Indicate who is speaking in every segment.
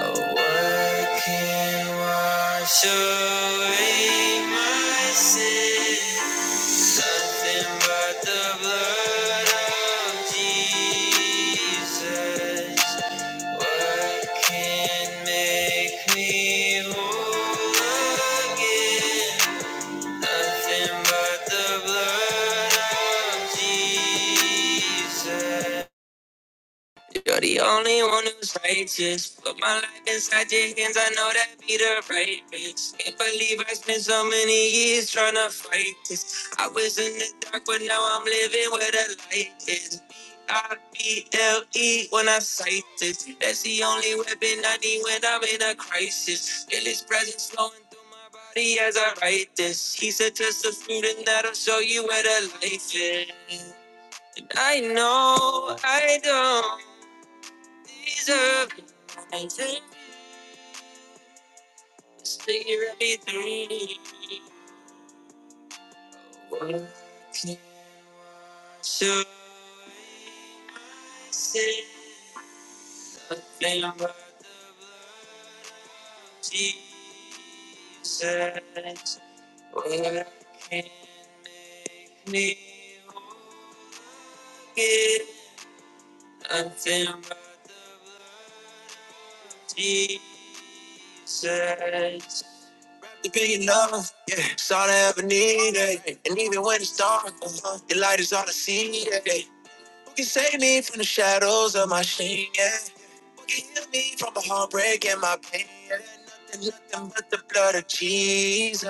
Speaker 1: what can wash away my sins. Nothing but the blood of Jesus. What can make me whole again? Nothing but the blood of Jesus. You're the only one who's righteous. Put my life inside your hands, I know that be the right place. Can't believe I spent so many years trying to fight this. I was in the dark, but now I'm living where the light is. B-I-B-L-E when I cite this. That's the only weapon I need when I'm in a crisis. Feel his presence flowing through my body as I write this. He said, just the fruit and that'll show you where the life is. I know I don't. These are the things that I need. But what can I say? I think my Jesus, what can He forget? I think my Jesus, the big enough, yeah, it's all I ever needed. And even when it's darker, the light is all I see. Yeah. Who can save me from the shadows of my shame? Yeah. Heal me from a heartbreak and my pain. Nothing, nothing but the blood of Jesus.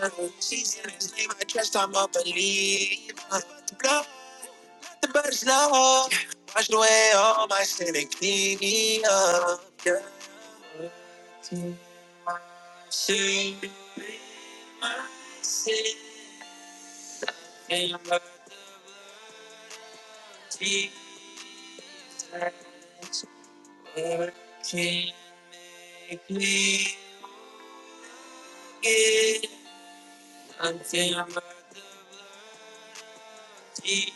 Speaker 1: He's in his name, I trust I'm a believer. The blood, the blood is love. Washed away all my sin and clean me up. Yeah. Soon my sin my sin, and my tears working me again until my tears.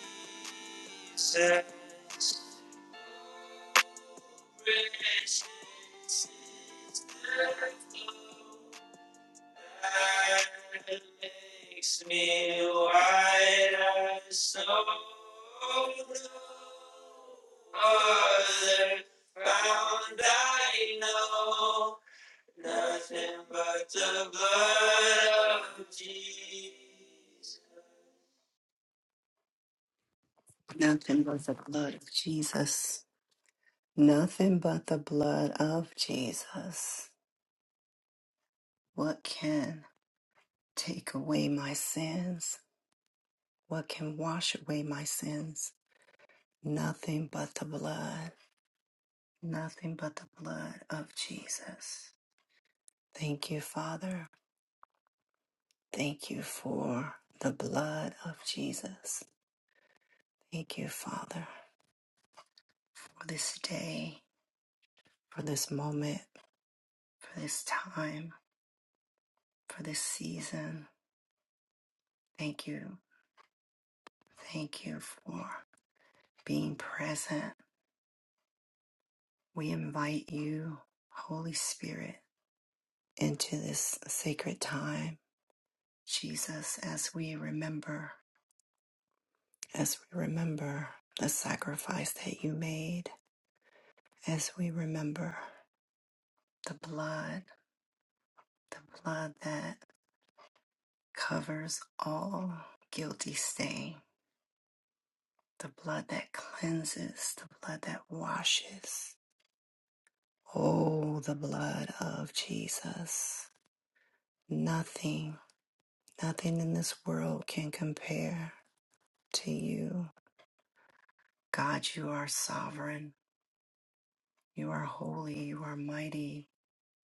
Speaker 1: Makes me wide as so other found I know Nothing but the blood of Jesus. Nothing but the blood of Jesus. Nothing but the blood of Jesus. What can take away my sins? What can wash away my sins? Nothing but the blood. Nothing but the blood of Jesus. Thank you, Father. Thank you for the blood of Jesus. Thank you, Father, for this day, for this moment, for this time, for this season. Thank you. Thank you for being present We invite you, Holy Spirit, into this sacred time. Jesus, as we remember, as we remember the sacrifice that you made, as we remember the blood, the blood that covers all guilty stain, the blood that cleanses, the blood that washes. Oh, the blood of Jesus. Nothing, nothing in this world can compare to you. God, you are sovereign. You are holy. You are mighty.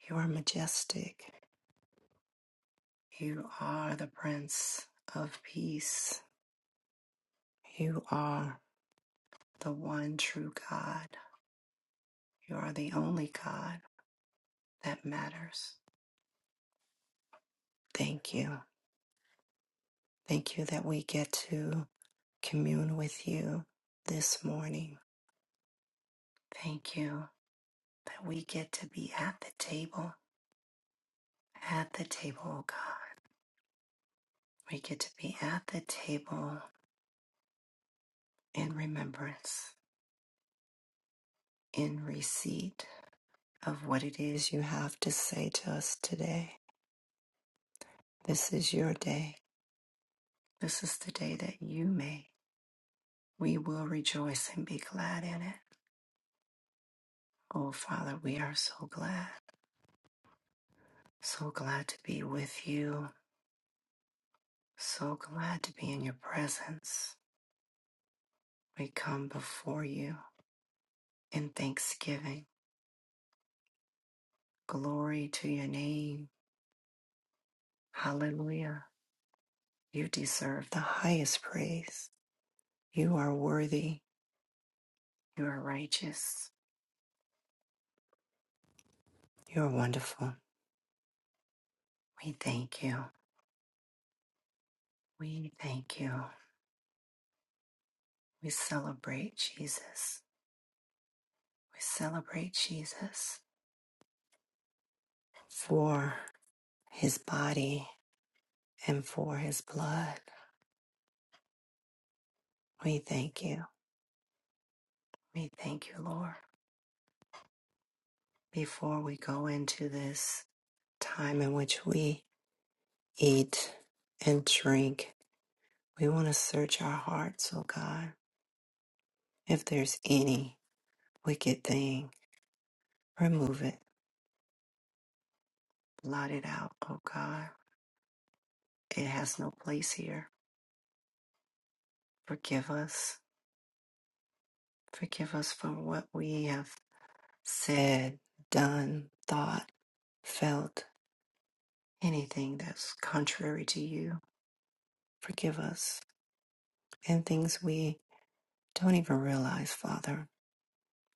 Speaker 1: You are majestic. You are the Prince of Peace. You are the one true God. You are the only God that matters. Thank you. Thank you that we get to commune with you this morning. Thank you that we get to be at the table. At the table, oh God. We get to be at the table in remembrance, in receipt of what it is you have to say to us today. This is your day. This is the day that you made. We will rejoice and be glad in it. Oh, Father, we are so glad, so glad to be with you, so glad to be in your presence. We come before you in thanksgiving. Glory to your name. Hallelujah. You deserve the highest praise. You are worthy. You are righteous. You are wonderful. We thank you. We thank you. We celebrate Jesus. We celebrate Jesus for his body and for his blood. We thank you. We thank you, Lord. Before we go into this time in which we eat and drink, we want to search our hearts, oh God. If there's any wicked thing, remove it, blot it out, oh God It has no place here. Forgive us. Forgive us for what we have said, done, thought, felt, anything that's contrary to you. Forgive us. And things we don't even realize, Father,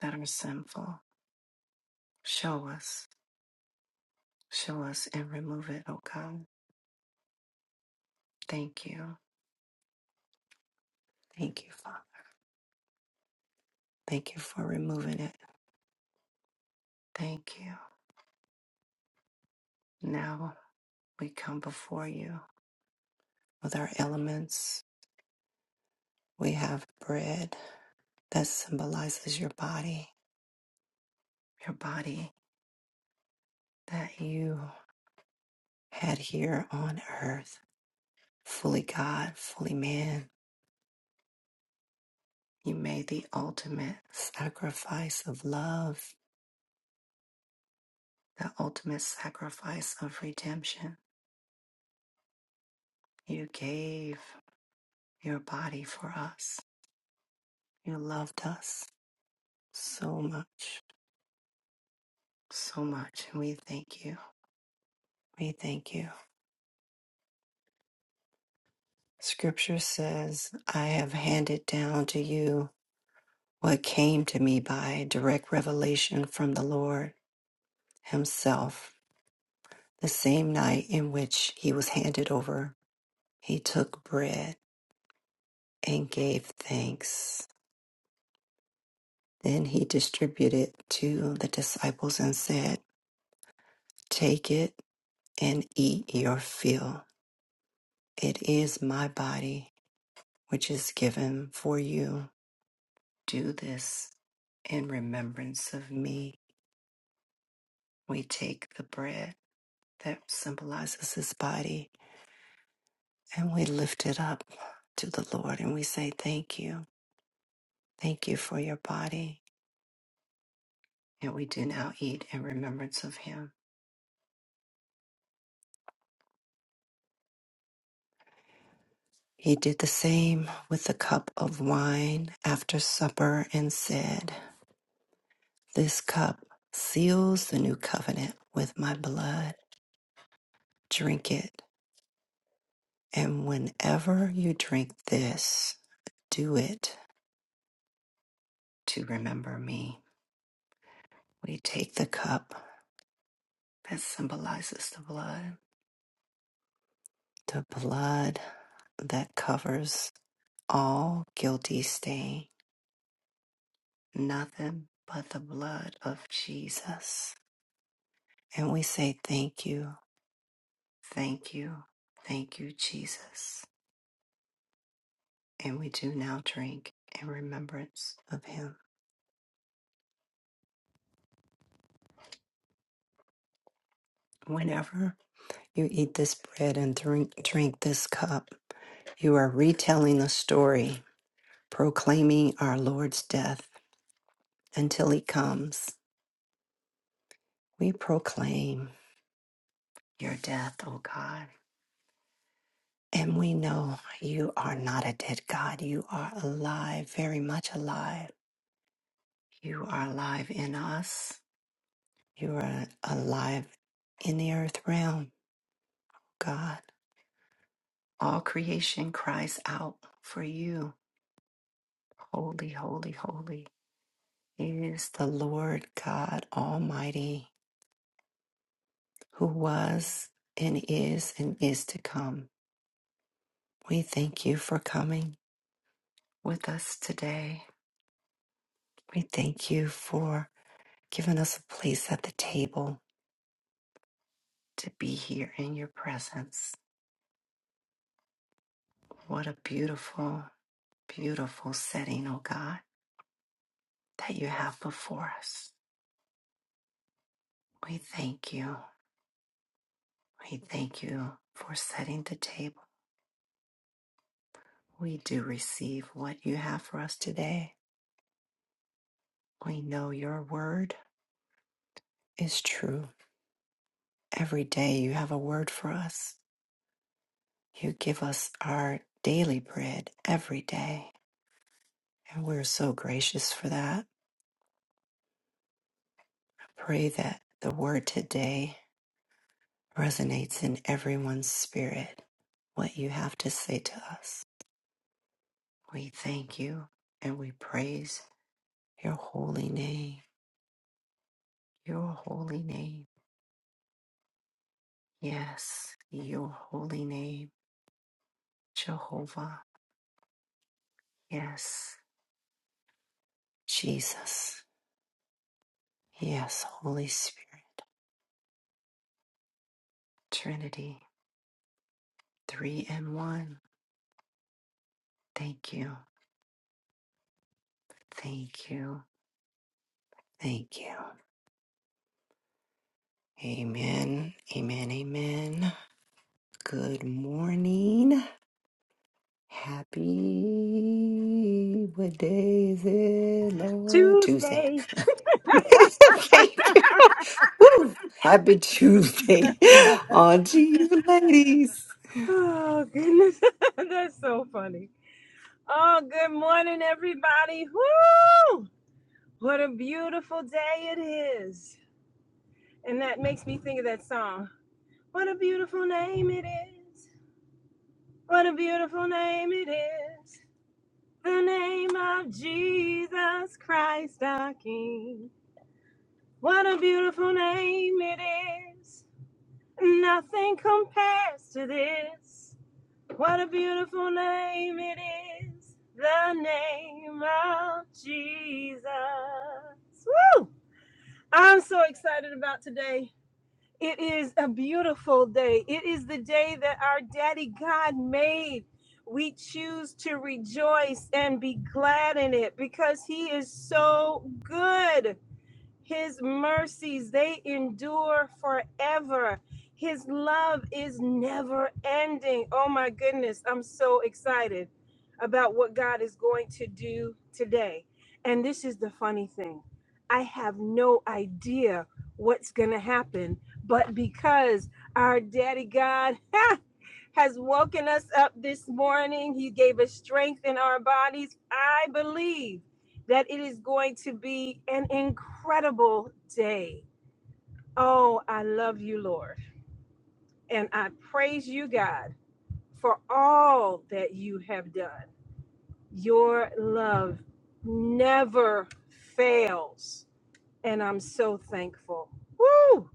Speaker 1: that are sinful. Show us. Show us and remove it, oh God. Thank you. Thank you, Father. Thank you for removing it. Thank you. Now we come before you with our elements. We have bread. that symbolizes your body, your body that you had here on earth, fully God, fully man. You made the ultimate sacrifice of love, the ultimate sacrifice of redemption. You gave your body for us. You loved us so much, so much. And we thank you. We thank you. Scripture says, I have handed down to you what came to me by direct revelation from the Lord Himself. The same night in which He was handed over, He took bread and gave thanks. Then He distributed to the disciples and said, Take it and eat your fill. It is my body, which is given for you. Do this in remembrance of me. We take the bread that symbolizes His body And we lift it up to the Lord and we say, Thank you. Thank you for your body. And we do now eat in remembrance of him. He did the same with the cup of wine after supper and said, This cup seals the new covenant with my blood. Drink it. And whenever you drink this, do it to remember me. We take the cup that symbolizes the blood the blood that covers all guilty stain, nothing but the blood of Jesus. And we say, Thank you, thank you, thank you, Jesus. And we do now drink in remembrance of him. Whenever you eat this bread and drink, drink this cup, you are retelling the story, proclaiming our Lord's death until he comes. We proclaim your death, O God And we know you are not a dead God. You are alive, very much alive. You are alive in us. You are alive in the earth realm, God. All creation cries out for you. Holy, holy, holy is the Lord God Almighty, who was and is and is to come. We thank you for coming with us today. We thank you for giving us a place at the table to be here in your presence. What a beautiful, beautiful setting, oh God, that you have before us. We thank you. We thank you for setting the table. We do receive what you have for us today. We know your word is true. Every day you have a word for us. You give us our daily bread every day. And we're so gracious for that. I pray that the word today resonates in everyone's spirit. What you have to say to us. We thank you and we praise your holy name. Your holy name. Yes, your holy name. Jehovah. Yes, Jesus. Yes, Holy Spirit. Trinity. Three and one. Thank you. Thank you. Thank you. Amen. Amen. Amen. Good morning. Happy, what day is it, Lord? Tuesday.
Speaker 2: Tuesday.
Speaker 1: Thank you. Woo. Happy Tuesday on to you, ladies.
Speaker 2: Oh goodness, that's so funny. Oh, good morning, everybody. Woo! What a beautiful day it is, and that makes me think of that song. What a beautiful name it is. What a beautiful name it is. The name of Jesus Christ, our King. What a beautiful name it is. Nothing compares to this. What a beautiful name it is, the name of Jesus. Woo! I'm so excited about today. It is a beautiful day. It is the day that our daddy God made. We choose to rejoice and be glad in it because he is so good. His mercies, they endure forever. His love is never ending. Oh my goodness, I'm so excited about what God is going to do today. And this is the funny thing I have no idea what's going to happen, but because our daddy God, ha, has woken us up this morning. He gave us strength in our bodies. I believe that it is going to be an incredible day. Oh, I love you, Lord. And I praise you, God, for all that you have done. Your love never fails. And I'm so thankful. Woo!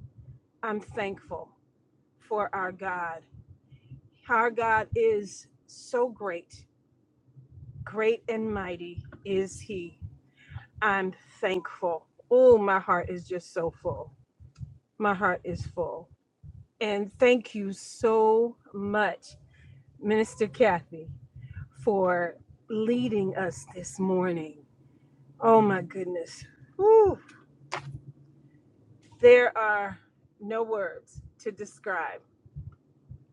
Speaker 2: I'm thankful for our God. Our God is so great Great and mighty is he. I'm thankful. Oh, my heart is just so full. My heart is full. And thank you so much, Minister Kathy, for leading us this morning. Oh, my goodness. Whew. There are no words to describe.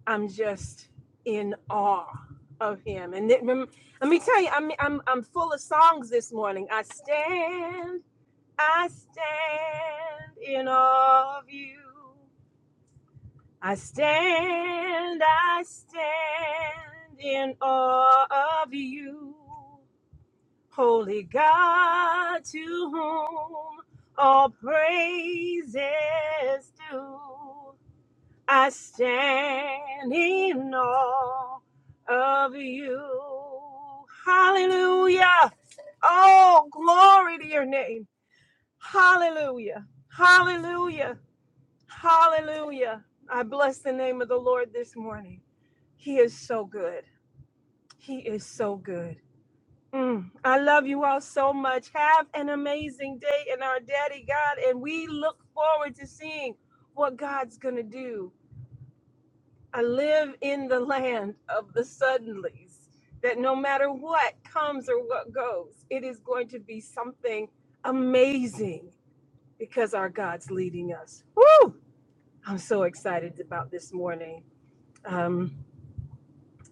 Speaker 2: I'm just in awe of him. And it, rem- let me tell you, I'm, I'm, I'm full of songs this morning. I stand I stand in awe of you. I stand, I stand in awe of you. Holy God, to whom all praise is due. I stand in awe of you. Hallelujah. Oh, glory to your name. Hallelujah. Hallelujah. Hallelujah. I bless the name of the Lord this morning. He is so good. He is so good. Mm. I love you all so much. Have an amazing day in our daddy God, and we look forward to seeing what God's going to do. I live in the land of the suddenlies, that no matter what comes or what goes, it is going to be something amazing because our God's leading us. Woo! I'm so excited about this morning. Um,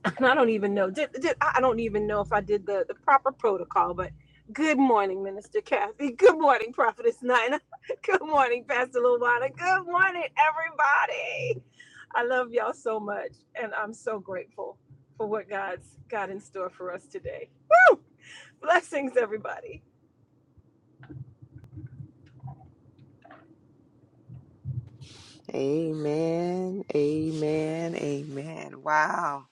Speaker 2: and I don't even know. Did, did I don't even know if I did the, the proper protocol, but good morning, Minister Kathy. Good morning, Prophetess Nina. Good morning, Pastor Luana. Good morning, everybody. I love y'all so much, and I'm so grateful for what God's got in store for us today. Blessings, everybody.
Speaker 3: Amen. Amen. Amen. Wow.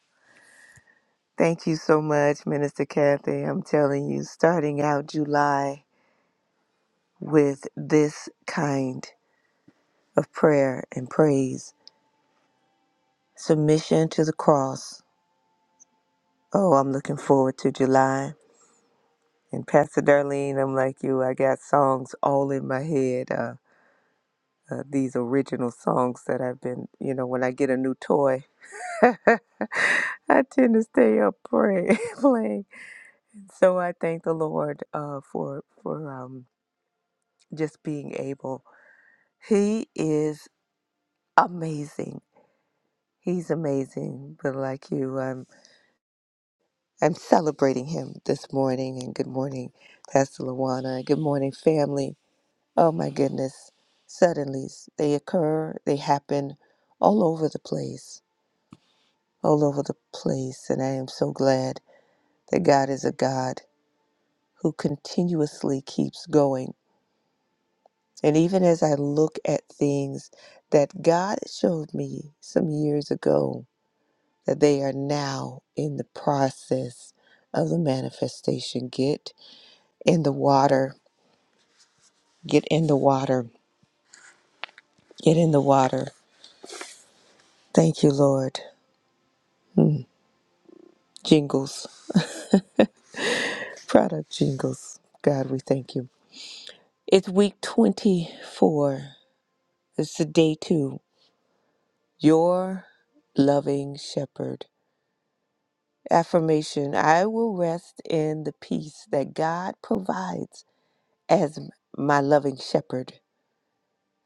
Speaker 3: Thank you so much, Minister Kathy. I'm telling you, starting out July with this kind of prayer and praise, submission to the cross. Oh, I'm looking forward to July. And Pastor Darlene, I'm like you. I got songs all in my head. Uh, uh, these original songs that I've been, you know, when I get a new toy, I tend to stay up praying, playing. So I thank the Lord uh, for for um, just being able. He is amazing. He's amazing. But like you, I'm I'm celebrating him this morning. And good morning, Pastor Lawana. Good morning, family. Oh my goodness! Suddenly they occur. They happen all over the place. All over the place. And I am so glad that God is a God who continuously keeps going And even as I look at things that God showed me some years ago, that they are now in the process of the manifestation. Get in the water. Get in the water. Get in the water. Thank you, Lord. Jingles, product jingles. God, we thank you. It's week 24. It's the day two. Your loving shepherd. Affirmation I will rest in the peace that God provides as m- my loving shepherd.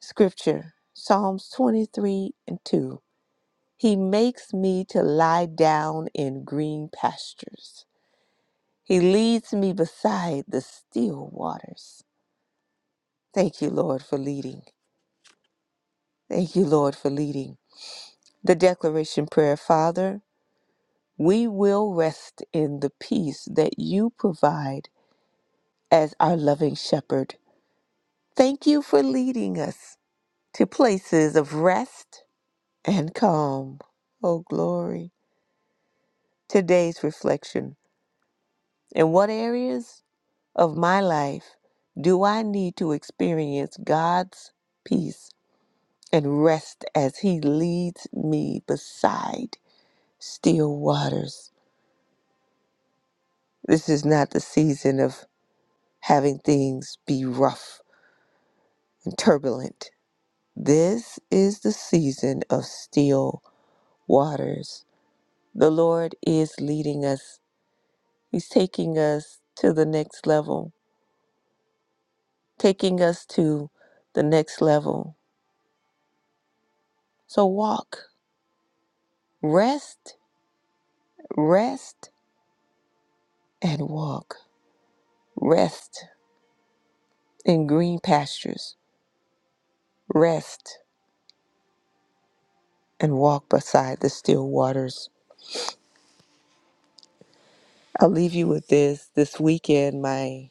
Speaker 3: Scripture Psalms 23 and 2. He makes me to lie down in green pastures, He leads me beside the still waters. Thank you, Lord, for leading. Thank you, Lord, for leading. The declaration prayer, Father, we will rest in the peace that you provide as our loving shepherd. Thank you for leading us to places of rest and calm. Oh, glory. Today's reflection. In what areas of my life do I need to experience God's peace and rest as He leads me beside still waters? This is not the season of having things be rough and turbulent. This is the season of still waters. The Lord is leading us, He's taking us to the next level, taking us to the next level. So walk, rest, rest, and walk. Rest in green pastures, rest and walk beside the still waters. I'll leave you with this. This weekend, my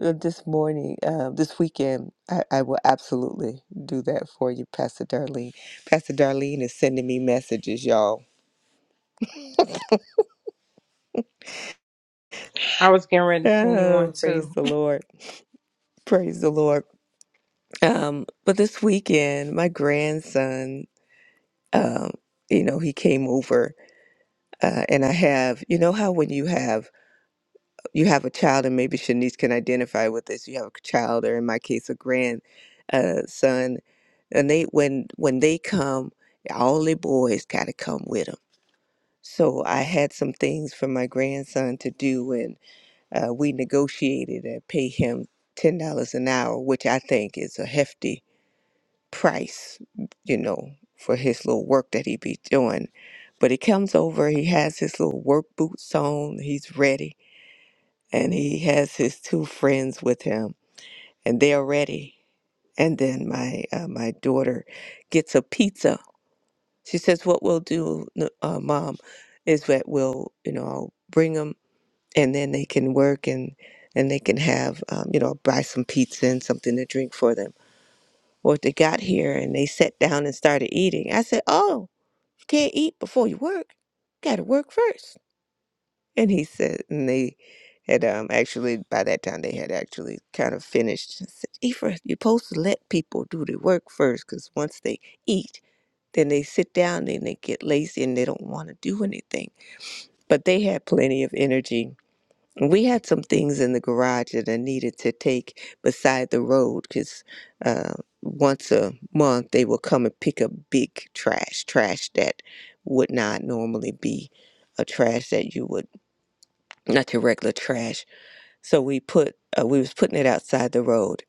Speaker 3: uh, this morning, uh, this weekend, I, I will absolutely do that for you, Pastor Darlene. Pastor Darlene is sending me messages, y'all
Speaker 4: I was getting ready to send you one
Speaker 3: Oh, praise
Speaker 4: too.
Speaker 3: the Lord. Praise the Lord. Um, but this weekend, my grandson, um, you know, he came over uh, and I have, you know how when you have you have a child and maybe Shanice can identify with this, you have a child or in my case a grand uh, son, and they when when they come, all the boys gotta come with them. So I had some things for my grandson to do Uh, we negotiated and pay him $10 an hour, which I think is a hefty price, you know, for his little work that he be doing. But he comes over, he has his little work boots on, he's ready, and he has his two friends with him, and they're ready. And then my uh, my daughter gets a pizza. She says, "What we'll do, n- uh, mom, is that we'll, you know, I'll bring 'em." and then they can work and and they can have um, you know buy some pizza and something to drink for them or if they got here and they sat down and started eating i said oh you can't eat before you work you gotta work first." and he said and they had um actually by that time they had actually kind of finished i said Ephra, you're supposed to let people do the work first because once they eat then they sit down and they get lazy and they don't want to do anything but they had plenty of energy we had some things in the garage that I needed to take beside the road because uh, once a month they will come and pick up big trash, trash that would not normally be a trash that you would not your regular trash. So we put uh, we was putting it outside the road.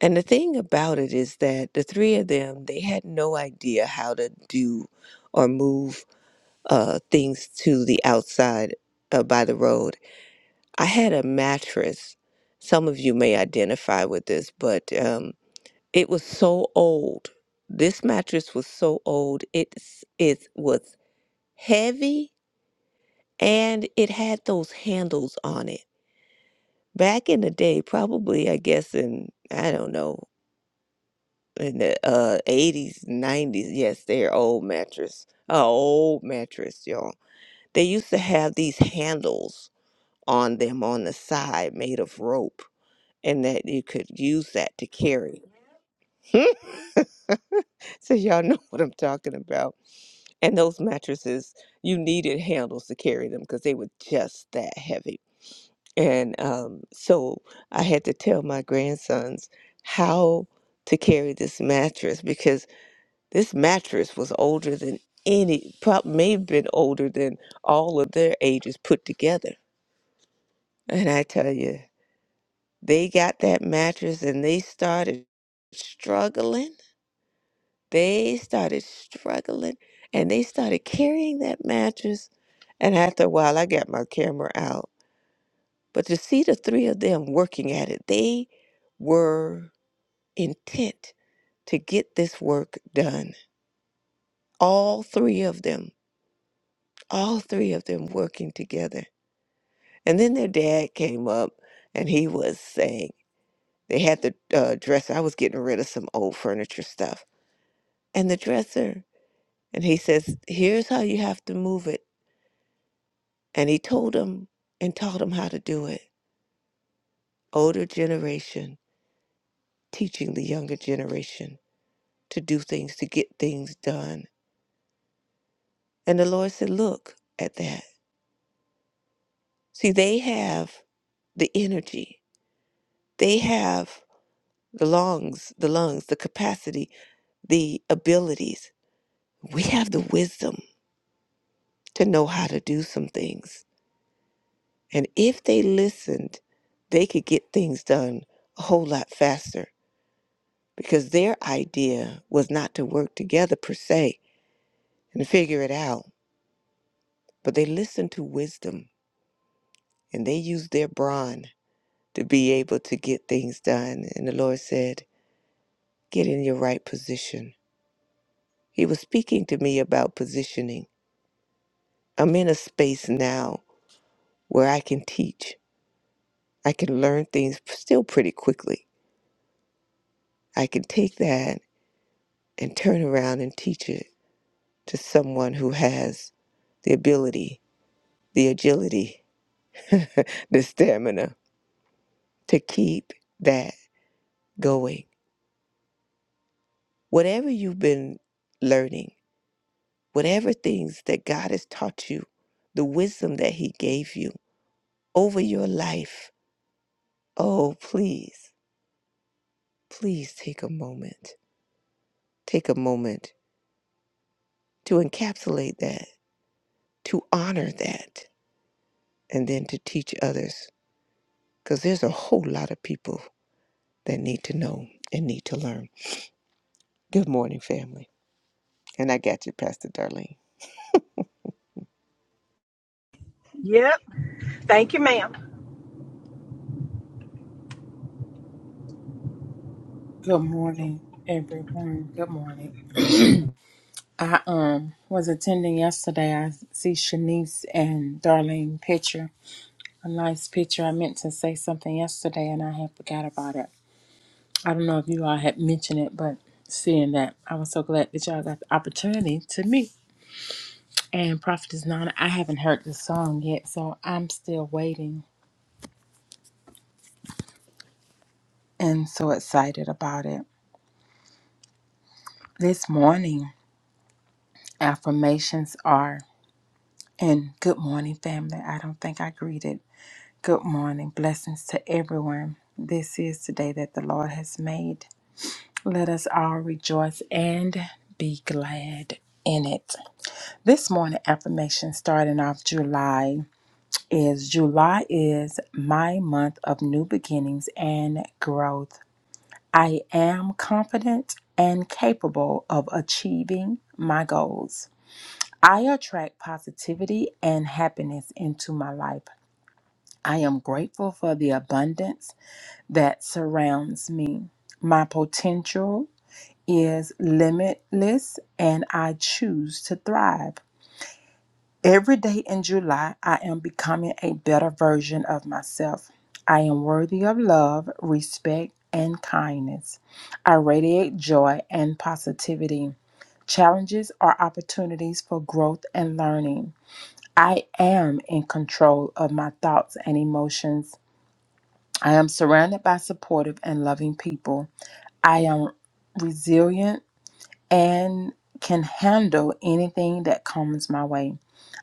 Speaker 3: And the thing about it is that the three of them they had no idea how to do or move uh, things to the outside uh, by the road I had a mattress. Some of you may identify with this, but um, it was so old. This mattress was so old. It it was heavy and it had those handles on it. Back in the day, probably I guess in I don't know in the uh, 80s, 90s. Yes, they're old mattress. Uh, old mattress, y'all. They used to have these handles on them on the side made of rope and that you could use that to carry. so y'all know what I'm talking about. And those mattresses, you needed handles to carry them because they were just that heavy. And um, so I had to tell my grandsons how to carry this mattress because this mattress was older than any, prob- may have been older than all of their ages put together. And I tell you, they got that mattress and they started struggling They started struggling and they started carrying that mattress. And after a while, I got my camera out. But to see the three of them working at it, they were intent to get this work done. All three of them, all three of them working together. And then their dad came up and he was saying, they had the uh, dresser. I was getting rid of some old furniture stuff. And the dresser, and he says, here's how you have to move it And he told them and taught them how to do it. Older generation teaching the younger generation to do things, to get things done. And the Lord said, Look at that. See, they have the energy, they have the lungs, the lungs, the capacity, the abilities. We have the wisdom to know how to do some things. And if they listened, they could get things done a whole lot faster because their idea was not to work together per se and figure it out, but they listened to wisdom and they used their brawn to be able to get things done. And the Lord said, Get in your right position. He was speaking to me about positioning. I'm in a space now where I can teach, I can learn things still pretty quickly. I can take that and turn around and teach it to someone who has the ability, the agility the stamina to keep that going. Whatever you've been learning, whatever things that God has taught you, the wisdom that He gave you over your life, oh, please, please take a moment. Take a moment to encapsulate that, to honor that, and then to teach others. Because there's a whole lot of people that need to know and need to learn. Good morning, family. And I got you, Pastor Darlene.
Speaker 2: Yep. Thank you, ma'am.
Speaker 4: Good morning, everyone. Good morning. I um was attending yesterday. I see Shanice and Darlene picture. A nice picture. I meant to say something yesterday and I had forgot about it. I don't know if you all had mentioned it, but seeing that, I was so glad that y'all got the opportunity to meet. And Prophet is Nana, I haven't heard the song yet, so I'm still waiting and so excited about it. This morning, affirmations are. And good morning, family. I don't think I greeted. Good morning. Blessings to everyone. This is the day that the Lord has made. Let us all rejoice and be glad in it. This morning affirmation starting off July is July is my month of new beginnings and growth. I am confident and capable of achieving my goals. I attract positivity and happiness into my life. I am grateful for the abundance that surrounds me. My potential is limitless and I choose to thrive. Every day in July, I am becoming a better version of myself. I am worthy of love, respect, and kindness. I radiate joy and positivity. Challenges are opportunities for growth and learning. I am in control of my thoughts and emotions. I am surrounded by supportive and loving people. I am resilient and can handle anything that comes my way.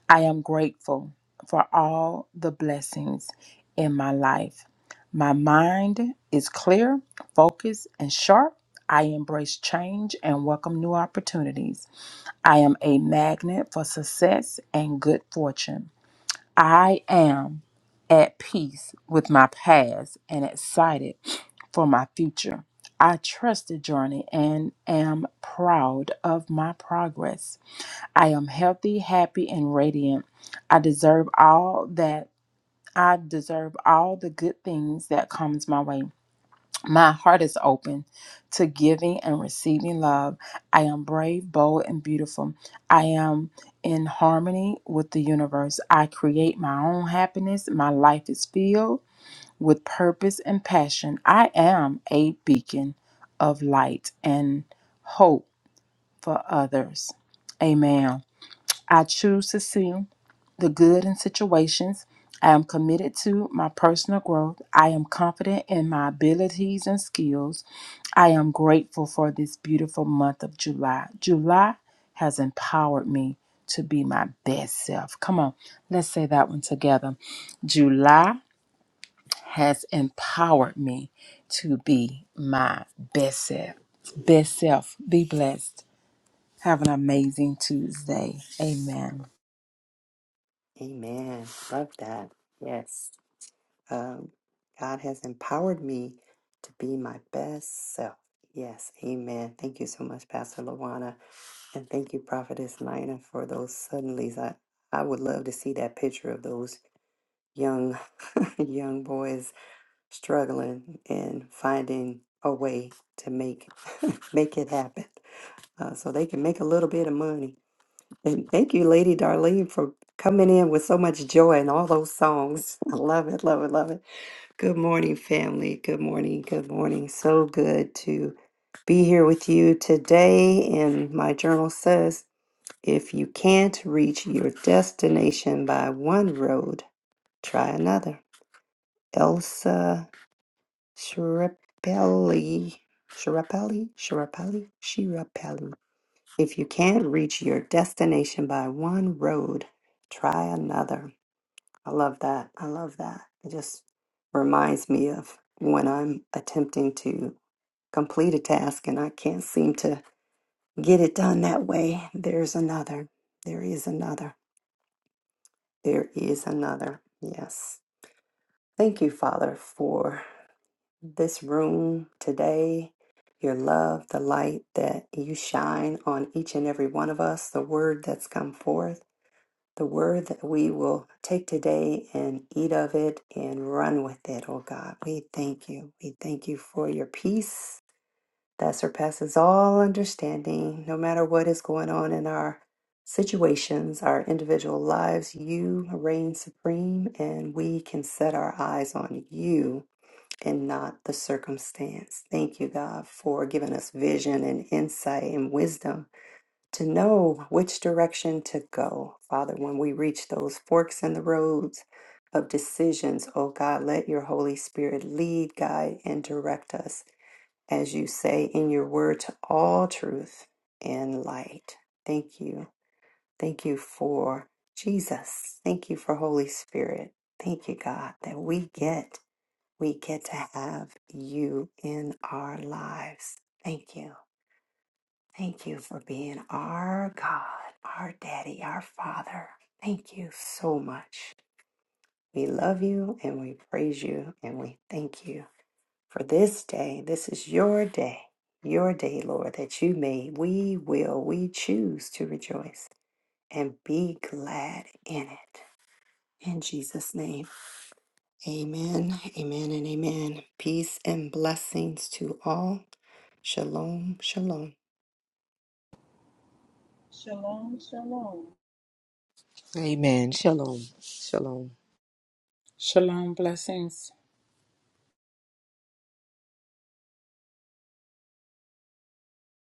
Speaker 4: I am grateful for all the blessings in my life. My mind is clear, focused, and sharp. I embrace change and welcome new opportunities. I am a magnet for success and good fortune. I am at peace with my past and excited for my future. I trust the journey and am proud of my progress. I am healthy, happy, and radiant. I deserve all that I deserve all the good things that comes my way. My heart is open to giving and receiving love. I am brave, bold, and beautiful. I am in harmony with the universe. I create my own happiness. My life is filled with purpose and passion. I am a beacon of light and hope for others. Amen. I choose to see the good in situations. I am committed to my personal growth. I am confident in my abilities and skills. I am grateful for this beautiful month of July. July has empowered me to be my best self. Come on, let's say that one together. July has empowered me to be my best self. Best self. Be blessed. Have an amazing Tuesday. Amen.
Speaker 1: Amen. Love that. Yes. Um, God has empowered me to be my best self. Yes. Amen. Thank you so much, Pastor Lawana. And thank you, Prophetess Nina, for those suddenlies. I, I would love to see that picture of those young young boys struggling and finding a way to make make it happen uh, so they can make a little bit of money and thank you lady darlene for coming in with so much joy and all those songs i love it love it love it good morning family good morning good morning so good to be here with you today and my journal says if you can't reach your destination by one road try another elsa Shirapeli, Shirapeli, Shirapeli, Shirapeli. If you can't reach your destination by one road, try another. I love that. I love that. It just reminds me of when I'm attempting to complete a task and I can't seem to get it done that way. There's another. There is another. There is another. Yes. Thank you, Father, for this room today, your love, the light that you shine on each and every one of us, the word that's come forth, the word that we will take today and eat of it and run with it, oh God. We thank you. We thank you for your peace that surpasses all understanding, no matter what is going on in our situations, our individual lives. You reign supreme, and we can set our eyes on you and not the circumstance. Thank you, God, for giving us vision and insight and wisdom to know which direction to go. Father, when we reach those forks in the roads of decisions, oh God, let your Holy Spirit lead, guide, and direct us, as you say in your word, to all truth and light. Thank you. Thank you for Jesus. Thank you for Holy Spirit. Thank you, God, that we get we get to have you in our lives. Thank you. Thank you for being our God, our daddy, our father. Thank you so much. We love you and we praise you and we thank you for this day. This is your day, your day, Lord, that you made. We will, we choose to rejoice and be glad in it. In Jesus' name. Amen, amen, and amen. Peace and blessings to all. Shalom, shalom.
Speaker 2: Shalom, shalom.
Speaker 3: Amen. Shalom. Shalom.
Speaker 4: Shalom. Blessings.